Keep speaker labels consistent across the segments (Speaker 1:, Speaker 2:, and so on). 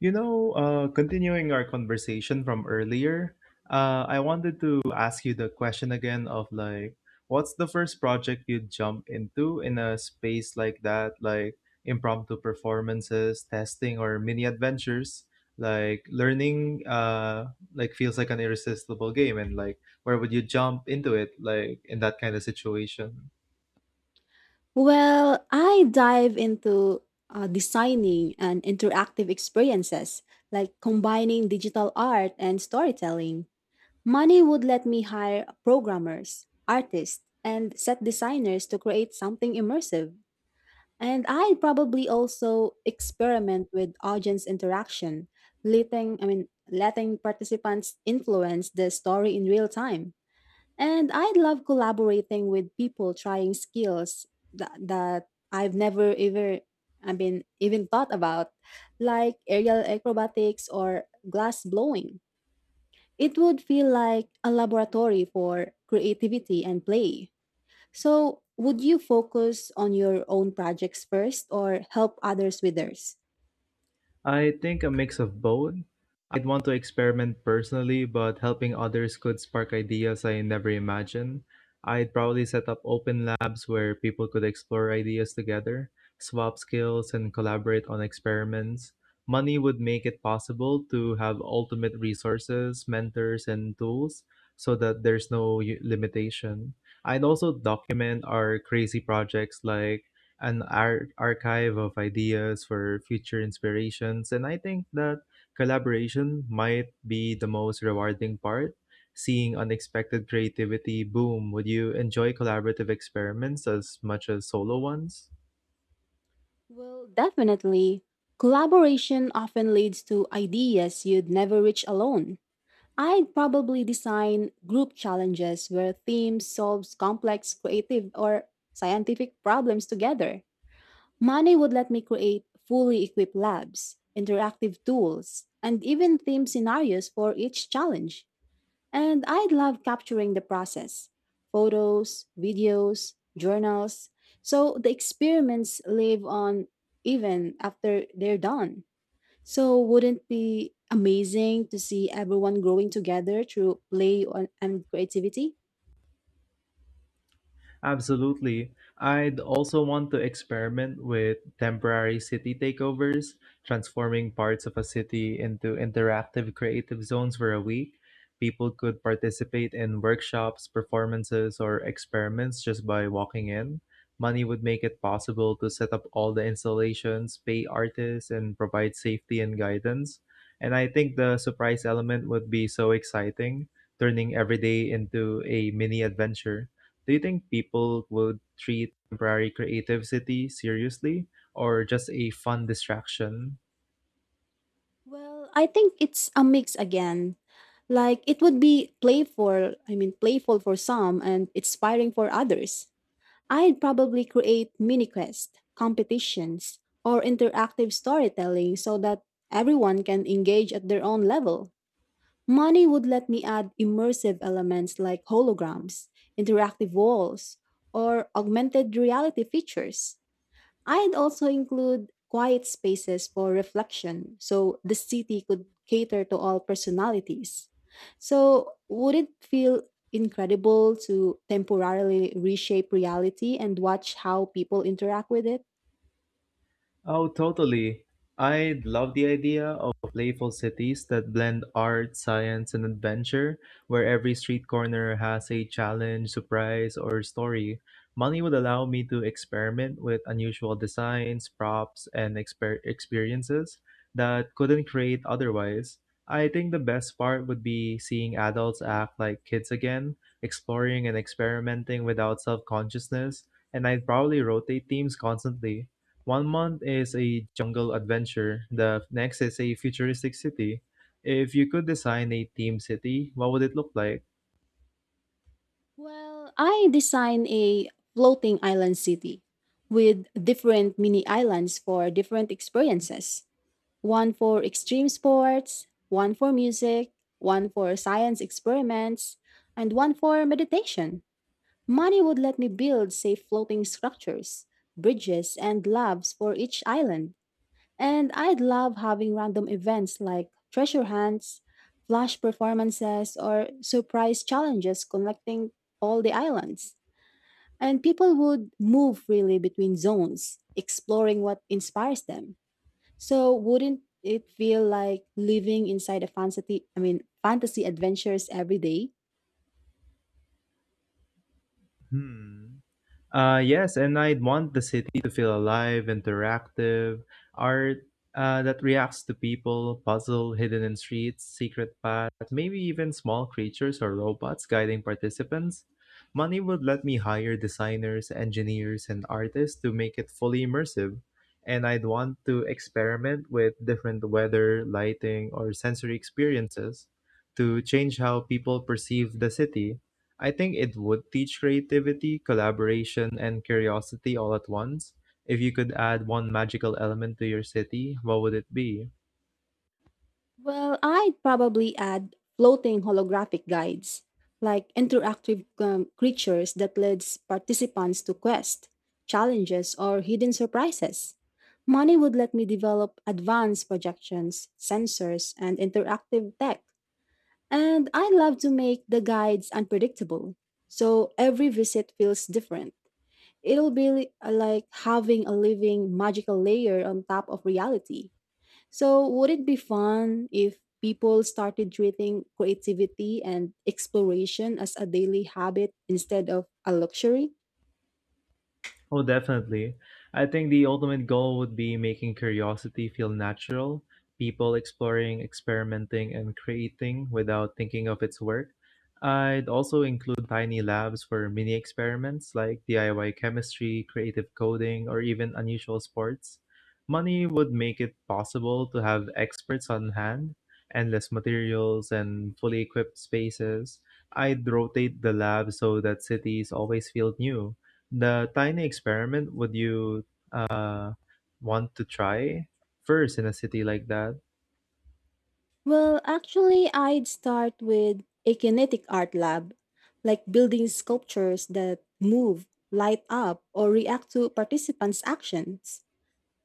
Speaker 1: Continuing our conversation from earlier, I wanted to ask you the question again of like, what's the first project you'd jump into in a space like that, like impromptu performances, testing, or mini adventures? Like learning, like feels like an irresistible game, and like, where would you jump into it, like in that kind of situation?
Speaker 2: Well, I dive into designing and interactive experiences, like combining digital art and storytelling. Money would let me hire programmers, artists, and set designers to create something immersive. And I probably also experiment with audience interaction, letting I mean letting participants influence the story in real time. And I love collaborating with people trying skills that I've never ever I mean even thought about, like aerial acrobatics or glass blowing. It would feel like a laboratory for creativity and play. So, would you focus on your own projects first or help others with theirs?
Speaker 1: I think a mix of both. I'd want to experiment personally, but helping others could spark ideas I never imagined. I'd probably set up open labs where people could explore ideas together, swap skills, and collaborate on experiments. Money would make it possible to have ultimate resources, mentors, and tools so that there's no limitation. I'd also document our crazy projects like an archive of ideas for future inspirations. And I think that collaboration might be the most rewarding part, seeing unexpected creativity boom. Would you enjoy collaborative experiments as much as solo ones?
Speaker 2: Well, definitely. Collaboration often leads to ideas you'd never reach alone. I'd probably design group challenges where teams solves complex creative or scientific problems together. Money would let me create fully equipped labs, interactive tools, and even theme scenarios for each challenge. And I'd love capturing the process. Photos, videos, journals. So the experiments live on even after they're done. So, wouldn't it be amazing to see everyone growing together through play on- and creativity?
Speaker 1: Absolutely. I'd also want to experiment with temporary city takeovers, transforming parts of a city into interactive creative zones for a week. People could participate in workshops, performances, or experiments just by walking in. Money would make it possible to set up all the installations, pay artists, and provide safety and guidance. And I think the surprise element would be so exciting, turning every day into a mini adventure. Do you think people would treat temporary creativity seriously or just a fun distraction?
Speaker 2: Well, I think it's a mix again. Like it would be playful, playful for some and inspiring for others. I'd probably create mini quests, competitions, or interactive storytelling so that everyone can engage at their own level. Money would let me add immersive elements like holograms, interactive walls, or augmented reality features. I'd also include quiet spaces for reflection so the city could cater to all personalities. So, would it feel incredible to temporarily reshape reality and watch how people interact with it?
Speaker 1: Oh, totally. I love the idea of playful cities that blend art, science, and adventure, where every street corner has a challenge, surprise, or story. Money would allow me to experiment with unusual designs, props, and experiences that couldn't create otherwise. I think the best part would be seeing adults act like kids again, exploring and experimenting without self consciousness, and I'd probably rotate themes constantly. One month is a jungle adventure, the next is a futuristic city. If you could design a theme city, what would it look like?
Speaker 2: Well, I designed a floating island city with different mini islands for different experiences. One for extreme sports, one for music, one for science experiments, and one for meditation. Money would let me build safe floating structures, bridges, and labs for each island. And I'd love having random events like treasure hunts, flash performances, or surprise challenges connecting all the islands. And people would move freely between zones, exploring what inspires them. So wouldn't it feel like living inside a fantasy, fantasy adventures every day?
Speaker 1: Hmm. Yes, and I'd want the city to feel alive, interactive, art that reacts to people, puzzle hidden in streets, secret paths, maybe even small creatures or robots guiding participants. Money would let me hire designers, engineers, and artists to make it fully immersive. And I'd want to experiment with different weather, lighting, or sensory experiences to change how people perceive the city. I think it would teach creativity, collaboration, and curiosity all at once. If you could add one magical element to your city, what would it be?
Speaker 2: Well, I'd probably add floating holographic guides, like interactive creatures that leads participants to quests, challenges, or hidden surprises. Money would let me develop advanced projections, sensors, and interactive tech. And I love to make the guides unpredictable, so every visit feels different. It'll be like having a living magical layer on top of reality. So, would it be fun if people started treating creativity and exploration as a daily habit instead of a luxury?
Speaker 1: Oh, definitely. I think the ultimate goal would be making curiosity feel natural, people exploring, experimenting, and creating without thinking of its work. I'd also include tiny labs for mini experiments like DIY chemistry, creative coding, or even unusual sports. Money would make it possible to have experts on hand, endless materials, and fully equipped spaces. I'd rotate the lab so that cities always feel new the tiny experiment would you uh, want to try first in a city like that?
Speaker 2: Well, actually, I'd start with a kinetic art lab, like building sculptures that move, light up, or react to participants' actions.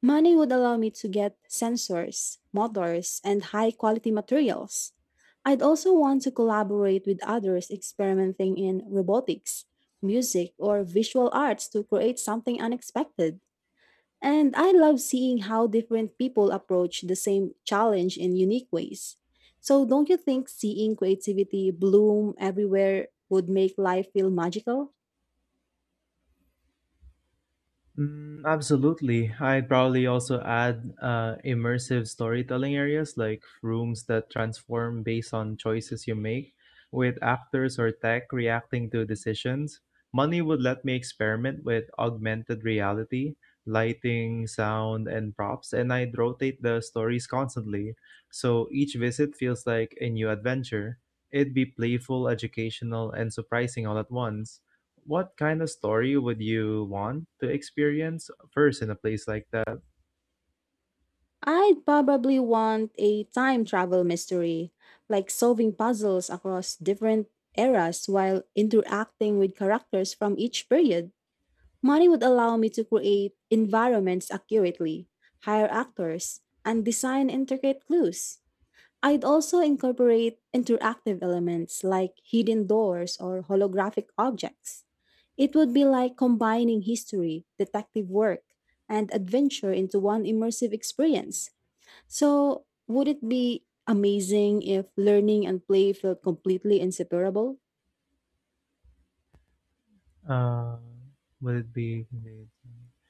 Speaker 2: Money would allow me to get sensors, motors, and high quality materials. I'd also want to collaborate with others experimenting in robotics, music, or visual arts to create something unexpected. And I love seeing how different people approach the same challenge in unique ways. So, don't you think seeing creativity bloom everywhere would make life feel magical?
Speaker 1: Mm, absolutely. I'd probably also add immersive storytelling areas like rooms that transform based on choices you make, with actors or tech reacting to decisions. Money would let me experiment with augmented reality, lighting, sound, and props, and I'd rotate the stories constantly. So each visit feels like a new adventure. It'd be playful, educational, and surprising all at once. What kind of story would you want to experience first in a place like that?
Speaker 2: I'd probably want a time travel mystery, like solving puzzles across different eras while interacting with characters from each period. Money would allow me to create environments accurately, hire actors, and design intricate clues. I'd also incorporate interactive elements like hidden doors or holographic objects. It would be like combining history, detective work, and adventure into one immersive experience. So, would it be amazing if learning and play felt completely inseparable?
Speaker 1: Uh, would it be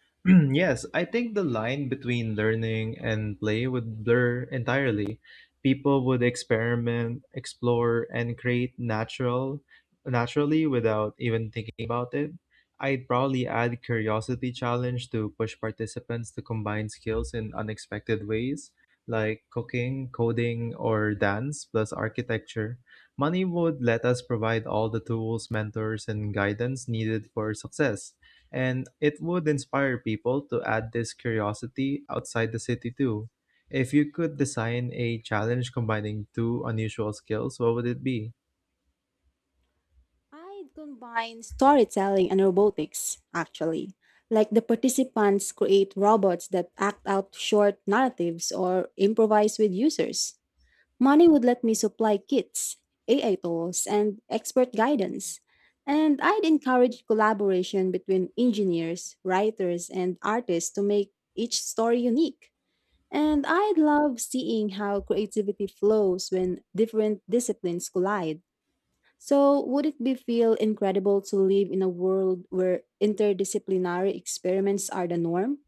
Speaker 1: yes, I think the line between learning and play would blur entirely. People would experiment, explore, and create naturally without even thinking about it. I'd probably add curiosity challenge to push participants to combine skills in unexpected ways, like cooking, coding, or dance plus architecture. Money would let us provide all the tools, mentors, and guidance needed for success and it would inspire people to add this curiosity outside the city too. If you could design a challenge combining two unusual skills, what would it be?
Speaker 2: I'd combine storytelling and robotics, actually. Like the participants create robots that act out short narratives or improvise with users. Money would let me supply kits, AI tools, and expert guidance. And I'd encourage collaboration between engineers, writers, and artists to make each story unique. And I love seeing how creativity flows when different disciplines collide. So, would it be feel incredible to live in a world where interdisciplinary experiments are the norm?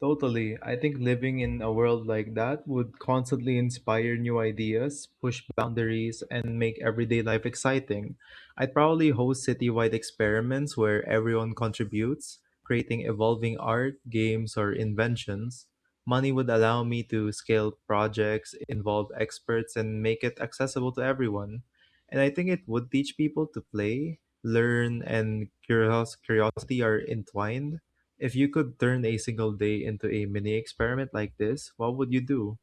Speaker 1: Totally. I think living in a world like that would constantly inspire new ideas, push boundaries, and make everyday life exciting. I'd probably host citywide experiments where everyone contributes, creating evolving art, games, or inventions. Money would allow me to scale projects, involve experts, and make it accessible to everyone. And I think it would teach people to play, learn, and curiosity are entwined. If you could turn a single day into a mini experiment like this, what would you do?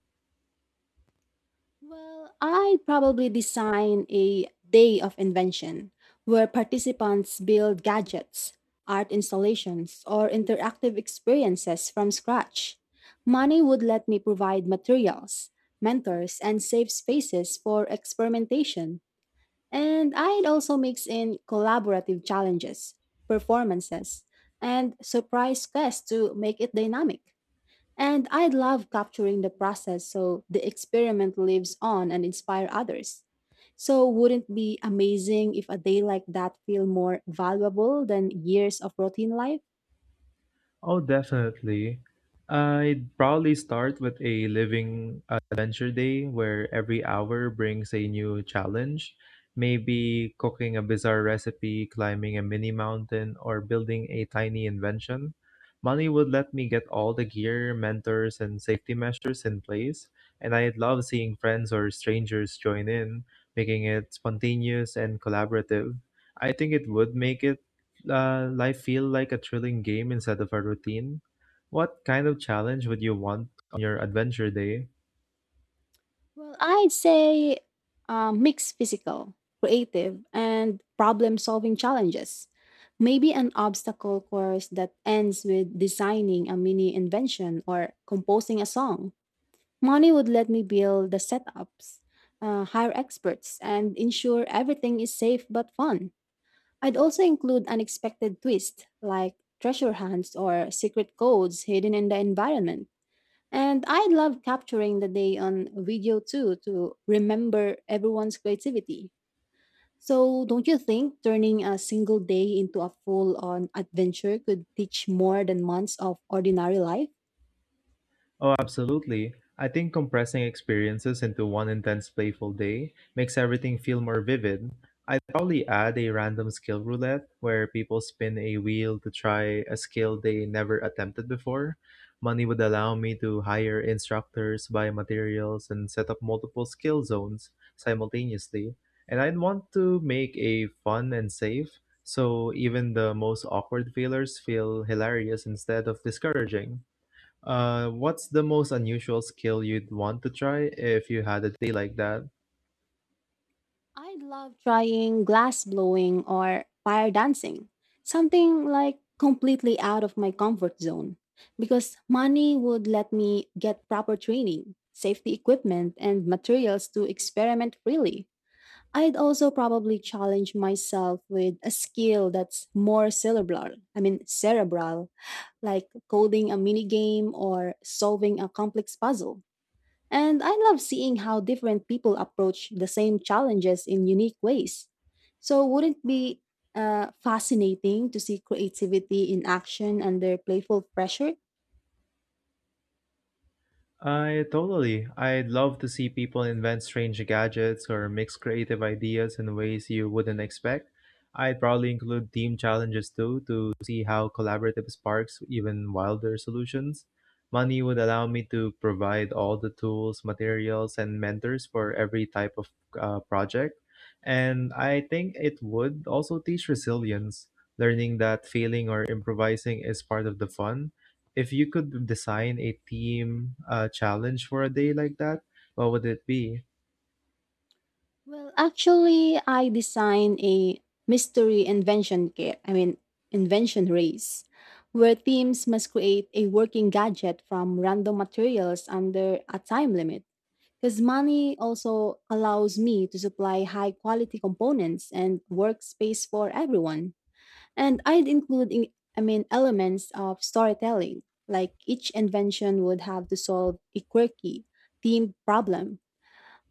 Speaker 2: Well, I'd probably design a day of invention where participants build gadgets, art installations, or interactive experiences from scratch. Money would let me provide materials, mentors, and safe spaces for experimentation. And I'd also mix in collaborative challenges, performances, and surprise quests to make it dynamic. And I'd love capturing the process so the experiment lives on and inspire others. So wouldn't it be amazing if a day like that feel more valuable than years of routine life?
Speaker 1: Oh, definitely. I'd probably start with a living adventure day where every hour brings a new challenge. Maybe cooking a bizarre recipe, climbing a mini mountain, or building a tiny invention. Money would let me get all the gear, mentors, and safety measures in place, and I'd love seeing friends or strangers join in, making it spontaneous and collaborative. I think it would make it life feel like a thrilling game instead of a routine? What kind of challenge would you want on your adventure day?
Speaker 2: Well, I'd say mix physical, creative, and problem solving challenges. Maybe an obstacle course that ends with designing a mini invention or composing a song. Money would let me build the setups, hire experts, and ensure everything is safe but fun. I'd also include unexpected twists like treasure hunts or secret codes hidden in the environment and I love capturing the day on video too to remember everyone's creativity. So, don't you think turning a single day into a full on adventure could teach more than months of ordinary life?
Speaker 1: Oh, absolutely. I think compressing experiences into one intense playful day makes everything feel more vivid. I'd probably add a random skill roulette where people spin a wheel to try a skill they never attempted before. Money would allow me to hire instructors, buy materials, and set up multiple skill zones simultaneously. And I'd want to make a fun and safe, so even the most awkward failures feel hilarious instead of discouraging. What's the most unusual skill you'd want to try if you had a day like that?
Speaker 2: I love trying glass blowing or fire dancing, something like completely out of my comfort zone, because money would let me get proper training, safety equipment, and materials to experiment freely. I'd also probably challenge myself with a skill that's more cerebral. Cerebral, like coding a mini game or solving a complex puzzle. And I love seeing how different people approach the same challenges in unique ways. So, wouldn't it be fascinating to see creativity in action under playful pressure?
Speaker 1: I totally. I'd love to see people invent strange gadgets or mix creative ideas in ways you wouldn't expect. I'd probably include team challenges too to see how collaborative sparks even wilder solutions. Money would allow me to provide all the tools, materials, and mentors for every type of project. And I think it would also teach resilience, learning that failing or improvising is part of the fun. If you could design a team challenge for a day like that, what would it be?
Speaker 2: Well, actually, I designed a mystery invention kit. Invention race, where teams must create a working gadget from random materials under a time limit. Because money also allows me to supply high quality components and workspace for everyone. And I'd include, elements of storytelling. Like each invention would have to solve a quirky themed problem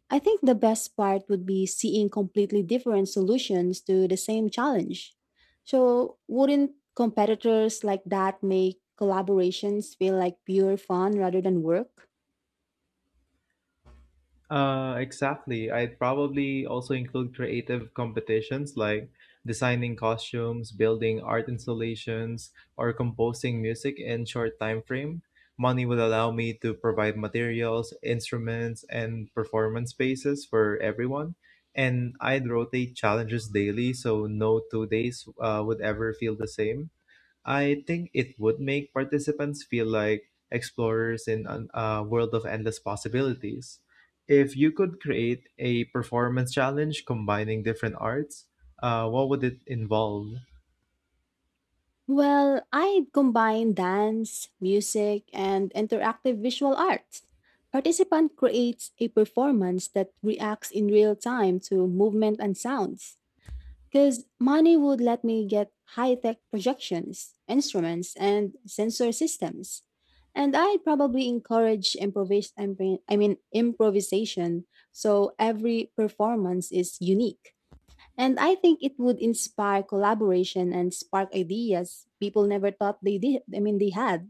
Speaker 2: I think the best part would be seeing completely different solutions to the same challenge. So, wouldn't competitors like that make collaborations feel like pure fun rather than work?
Speaker 1: Exactly. I'd probably also include creative competitions like designing costumes, building art installations, or composing music in short time frame. Money would allow me to provide materials, instruments, and performance spaces for everyone. And I'd rotate challenges daily, so no two days would ever feel the same. I think it would make participants feel like explorers in a world of endless possibilities. If you could create a performance challenge combining different arts, what would it involve?
Speaker 2: Well, I'd combine dance, music, and interactive visual arts. Participant creates a performance that reacts in real time to movement and sounds. Because money would let me get high tech projections, instruments, and sensor systems. And I'd probably encourage improvisation so every performance is unique. And I think it would inspire collaboration and spark ideas people never thought they did. They had.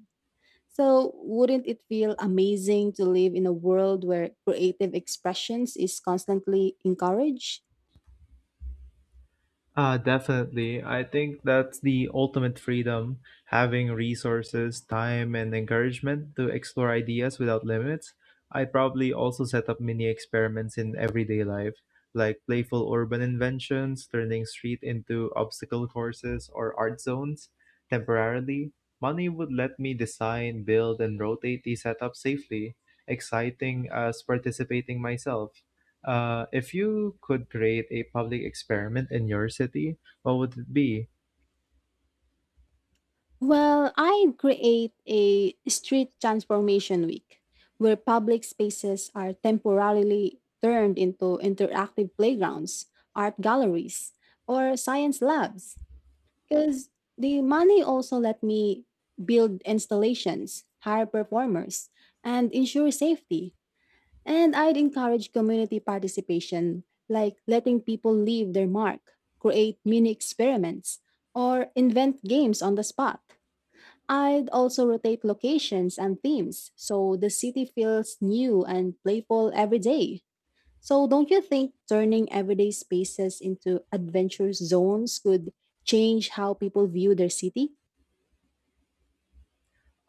Speaker 2: So, wouldn't it feel amazing to live in a world where creative expressions is constantly encouraged?
Speaker 1: Definitely. I think that's the ultimate freedom, having resources, time, and encouragement to explore ideas without limits. I'd probably also set up mini experiments in everyday life, like playful urban inventions, turning street into obstacle courses or art zones temporarily. Money would let me design, build, and rotate these setups safely, exciting as participating myself. If you could create a public experiment in your city, what would it be?
Speaker 2: Well, I create a street transformation week where public spaces are temporarily turned into interactive playgrounds, art galleries, or science labs. Because the money also let me build installations, hire performers, and ensure safety. And I'd encourage community participation, like letting people leave their mark, create mini experiments, or invent games on the spot. I'd also rotate locations and themes so the city feels new and playful every day. So, don't you think turning everyday spaces into adventure zones could change how people view their city?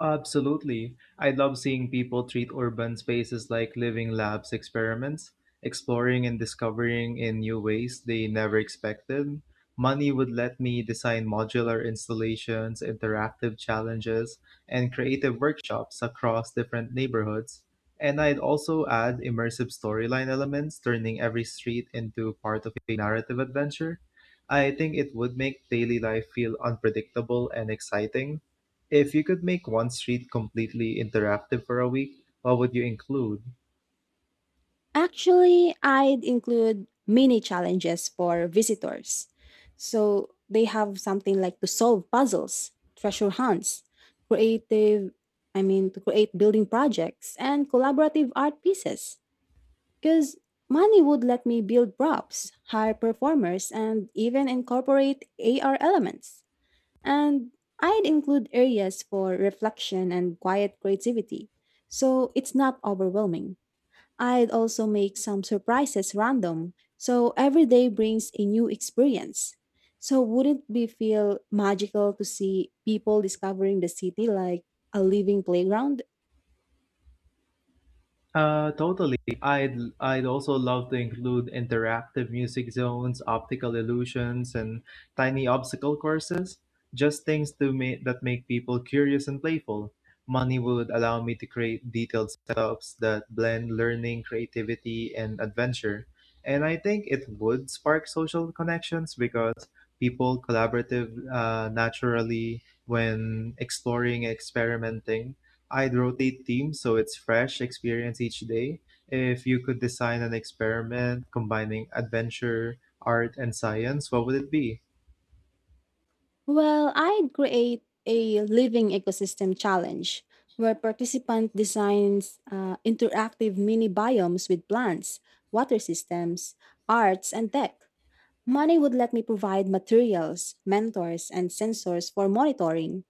Speaker 1: Absolutely. I love seeing people treat urban spaces like living labs experiments, exploring and discovering in new ways they never expected. Money would let me design modular installations, interactive challenges, and creative workshops across different neighborhoods. And I'd also add immersive storyline elements, turning every street into part of a narrative adventure. I think it would make daily life feel unpredictable and exciting. If you could make one street completely interactive for a week, what would you include?
Speaker 2: Actually, I'd include mini challenges for visitors. So, they have something like to solve puzzles, treasure hunts, creative, to create building projects, and collaborative art pieces. Because money would let me build props, hire performers, and even incorporate AR elements. And I'd include areas for reflection and quiet creativity, so it's not overwhelming. I'd also make some surprises random, so every day brings a new experience. So wouldn't be feel magical to see people discovering the city like a living playground?
Speaker 1: Totally. I'd also love to include interactive music zones, optical illusions, and tiny obstacle courses. Just things to make that make people curious and playful. Money would allow me to create detailed setups that blend learning, creativity, and adventure. And I think it would spark social connections because people collaborative naturally when exploring, experimenting. I'd rotate themes so it's fresh experience each day. If you could design an experiment combining adventure, art, and science, what would it be?
Speaker 2: Well, I'd create a living ecosystem challenge where participant designs interactive mini biomes with plants, water systems, arts, and tech. Money would let me provide materials, mentors, and sensors for monitoring.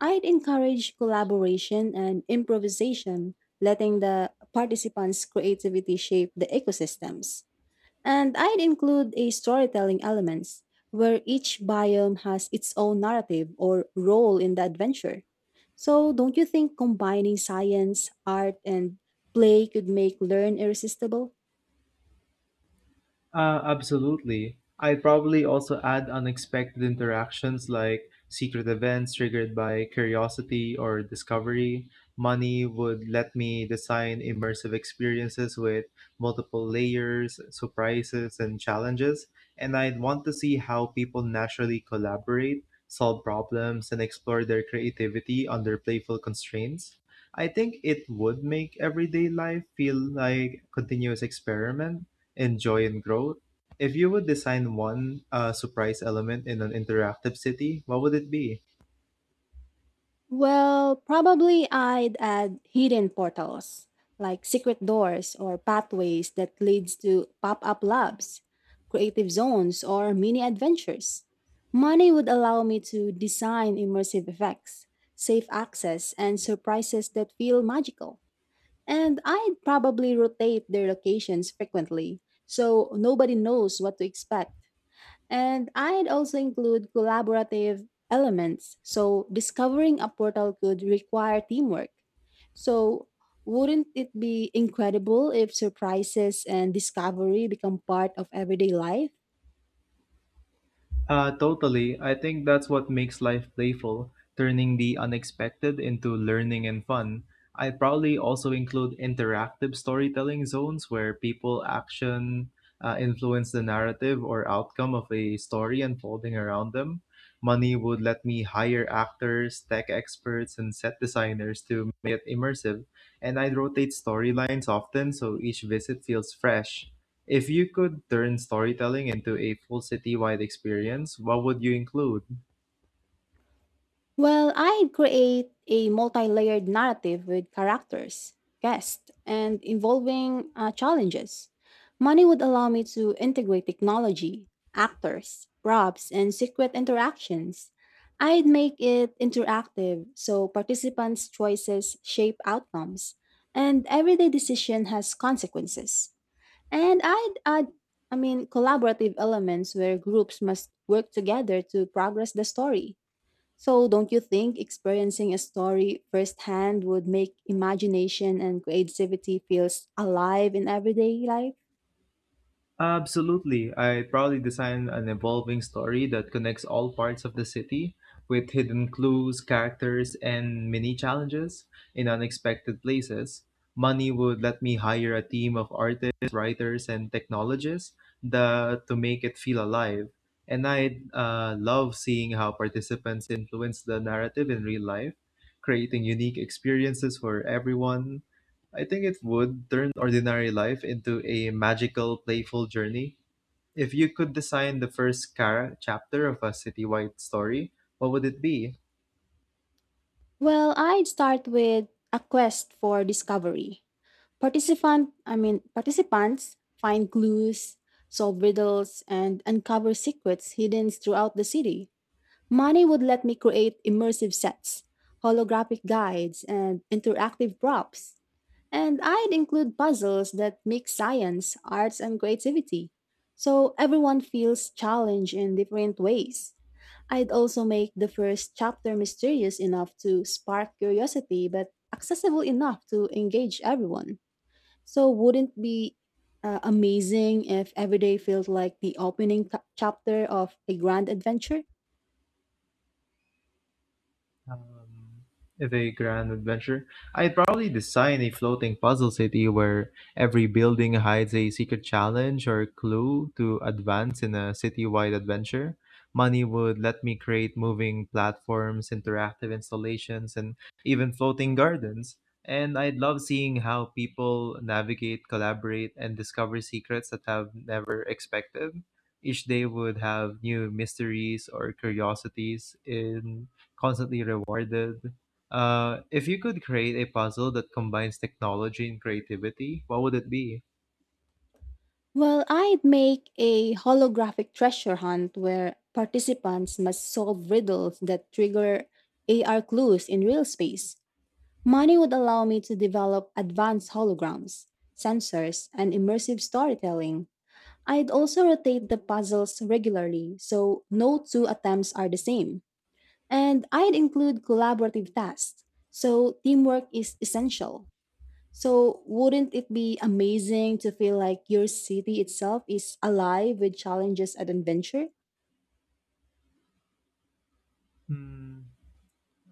Speaker 2: I'd encourage collaboration and improvisation, letting the participants' creativity shape the ecosystems. And I'd include a storytelling elements where each biome has its own narrative or role in the adventure. So don't you think combining science, art, and play could make learn irresistible?
Speaker 1: Absolutely. I'd probably also add unexpected interactions like secret events triggered by curiosity or discovery. Money would let me design immersive experiences with multiple layers, surprises, and challenges. And I'd want to see how people naturally collaborate, solve problems, and explore their creativity under playful constraints. I think it would make everyday life feel like a continuous experiment enjoy and growth. If you would design one surprise element in an interactive city, what would it be?
Speaker 2: Well, probably I'd add hidden portals, like secret doors or pathways that leads to pop-up labs, creative zones, or mini adventures. Money would allow me to design immersive effects, safe access, and surprises that feel magical. And I'd probably rotate their locations frequently, so nobody knows what to expect and I'd also include collaborative elements. So discovering a portal could require teamwork. So wouldn't it be incredible if surprises and discovery become part of everyday life?
Speaker 1: Totally. I think that's what makes life playful, turning the unexpected into learning and fun. I'd probably also include interactive storytelling zones where people action influence the narrative or outcome of a story unfolding around them. Money would let me hire actors, tech experts, and set designers to make it immersive, and I'd rotate storylines often so each visit feels fresh. If you could turn storytelling into a full citywide experience, what would you include?
Speaker 2: Well, I create a multi layered narrative with characters, guests, and involving challenges. Money would allow me to integrate technology, actors, props, and secret interactions. I'd make it interactive so participants' choices shape outcomes, and everyday decision has consequences. And I'd add, collaborative elements where groups must work together to progress the story. So, don't you think experiencing a story firsthand would make imagination and creativity feels alive in everyday life?
Speaker 1: Absolutely. I probably design an evolving story that connects all parts of the city with hidden clues, characters, and mini challenges in unexpected places. Money would let me hire a team of artists, writers, and technologists to make it feel alive. And I love seeing how participants influence the narrative in real life, creating unique experiences for everyone. I think it would turn ordinary life into a magical, playful journey. If you could design the first chapter of a citywide story, what would it be?
Speaker 2: Well, I'd start with a quest for discovery. Participants find clues, solve riddles, and uncover secrets hidden throughout the city. Money would let me create immersive sets, holographic guides, and interactive props. And I'd include puzzles that mix science, arts, and creativity, so everyone feels challenged in different ways. I'd also make the first chapter mysterious enough to spark curiosity, but accessible enough to engage everyone. So, wouldn't it be amazing if every day felt like the opening chapter of a grand adventure?
Speaker 1: Um, the grand adventure. I'd probably design a floating puzzle city where every building hides a secret challenge or clue to advance in a city-wide adventure. Money would let me create moving platforms, interactive installations, and even floating gardens. And I'd love seeing how people navigate, collaborate, and discover secrets that have never expected. Each day would have new mysteries or curiosities in constantly rewarded. If you could create a puzzle that combines technology and creativity, what would it be?
Speaker 2: Well, I'd make a holographic treasure hunt where participants must solve riddles that trigger AR clues in real space. Money would allow me to develop advanced holograms, sensors, and immersive storytelling. I'd also rotate the puzzles regularly so no two attempts are the same. And I'd include collaborative tasks, so teamwork is essential. So, wouldn't it be amazing to feel like your city itself is alive with challenges and adventure?
Speaker 1: Hmm.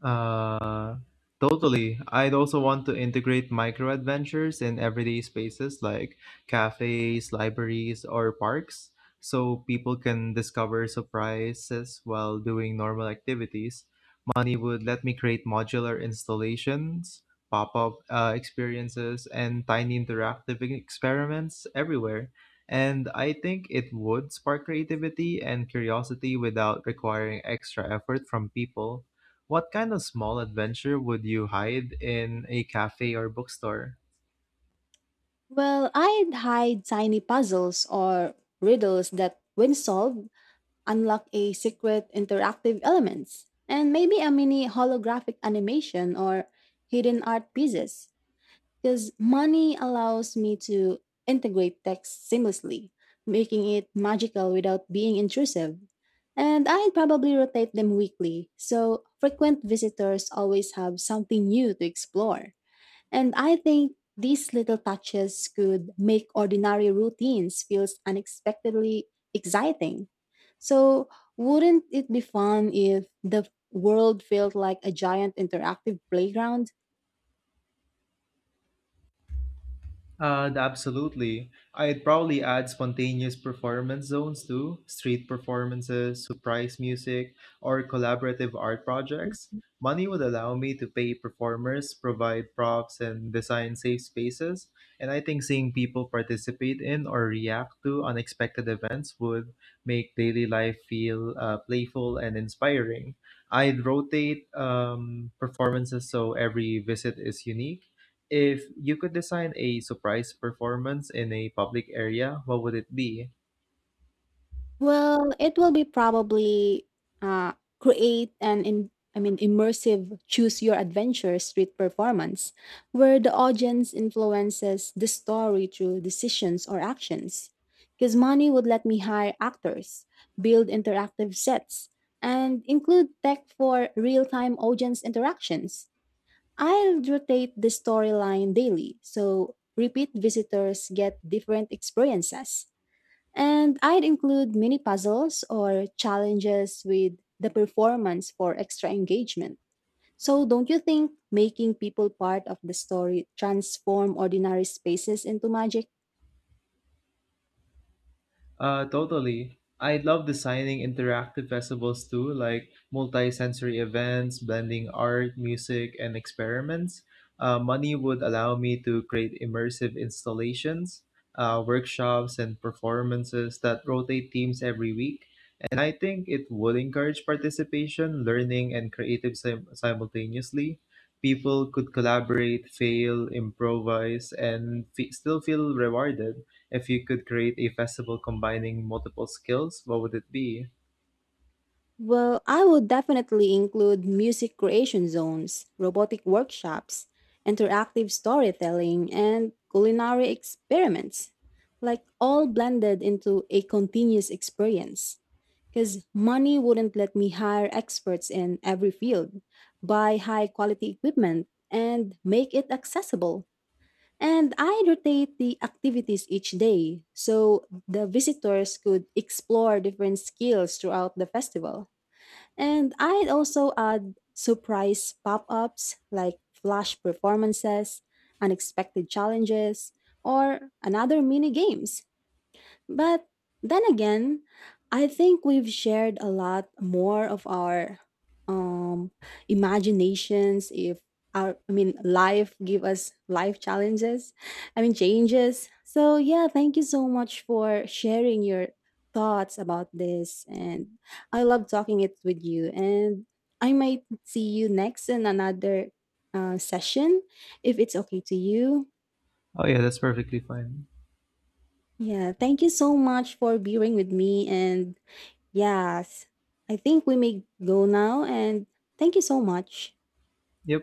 Speaker 1: Uh, Totally. I'd also want to integrate micro adventures in everyday spaces like cafes, libraries, or parks so people can discover surprises while doing normal activities. Money would let me create modular installations, pop up experiences, and tiny interactive experiments everywhere. And I think it would spark creativity and curiosity without requiring extra effort from people. What kind of small adventure would you hide in a cafe or bookstore?
Speaker 2: Well, I'd hide tiny puzzles or riddles that, when solved, unlock a secret interactive elements, and maybe a mini holographic animation or hidden art pieces. Because money allows me to integrate text seamlessly, making it magical without being intrusive. And I'd probably rotate them weekly, so frequent visitors always have something new to explore. And I think these little touches could make ordinary routines feel unexpectedly exciting. So wouldn't it be fun if the world felt like a giant interactive playground?
Speaker 1: Absolutely. I'd probably add spontaneous performance zones too, street performances, surprise music, or collaborative art projects. Money would allow me to pay performers, provide props, and design safe spaces. And I think seeing people participate in or react to unexpected events would make daily life feel playful and inspiring. I'd rotate performances so every visit is unique. If you could design a surprise performance in a public area, what would it be?
Speaker 2: Well, it will be probably uh, create an in, I mean immersive choose your adventure street performance where the audience influences the story through decisions or actions. Because money would let me hire actors, build interactive sets, and include tech for real-time audience interactions. I'll rotate the storyline daily, so repeat visitors get different experiences. And I'd include mini puzzles or challenges with the performance for extra engagement. So, don't you think making people part of the story transform ordinary spaces into magic?
Speaker 1: Totally. I love designing interactive festivals too, like multi-sensory events, blending art, music, and experiments. Money would allow me to create immersive installations, workshops, and performances that rotate themes every week. And I think it would encourage participation, learning, and creative simultaneously. People could collaborate, fail, improvise, and still feel rewarded. If you could create a festival combining multiple skills, what would it be?
Speaker 2: Well, I would definitely include music creation zones, robotic workshops, interactive storytelling, and culinary experiments, like all blended into a continuous experience. Because money wouldn't let me hire experts in every field, buy high quality equipment, and make it accessible. And I rotate the activities each day so the visitors could explore different skills throughout the festival. And I'd also add surprise pop ups like flash performances, unexpected challenges, or another mini games but then again, I think we've shared a lot more of our um imaginations if our I mean life give us life challenges, I mean changes. So yeah, thank you so much for sharing your thoughts about this and I love talking it with you and I might see you next in another session if it's okay to you.
Speaker 1: Oh yeah, that's perfectly fine.
Speaker 2: Yeah, thank you so much for being with me and Yes. I think we may go now and thank you so much.
Speaker 1: Yep.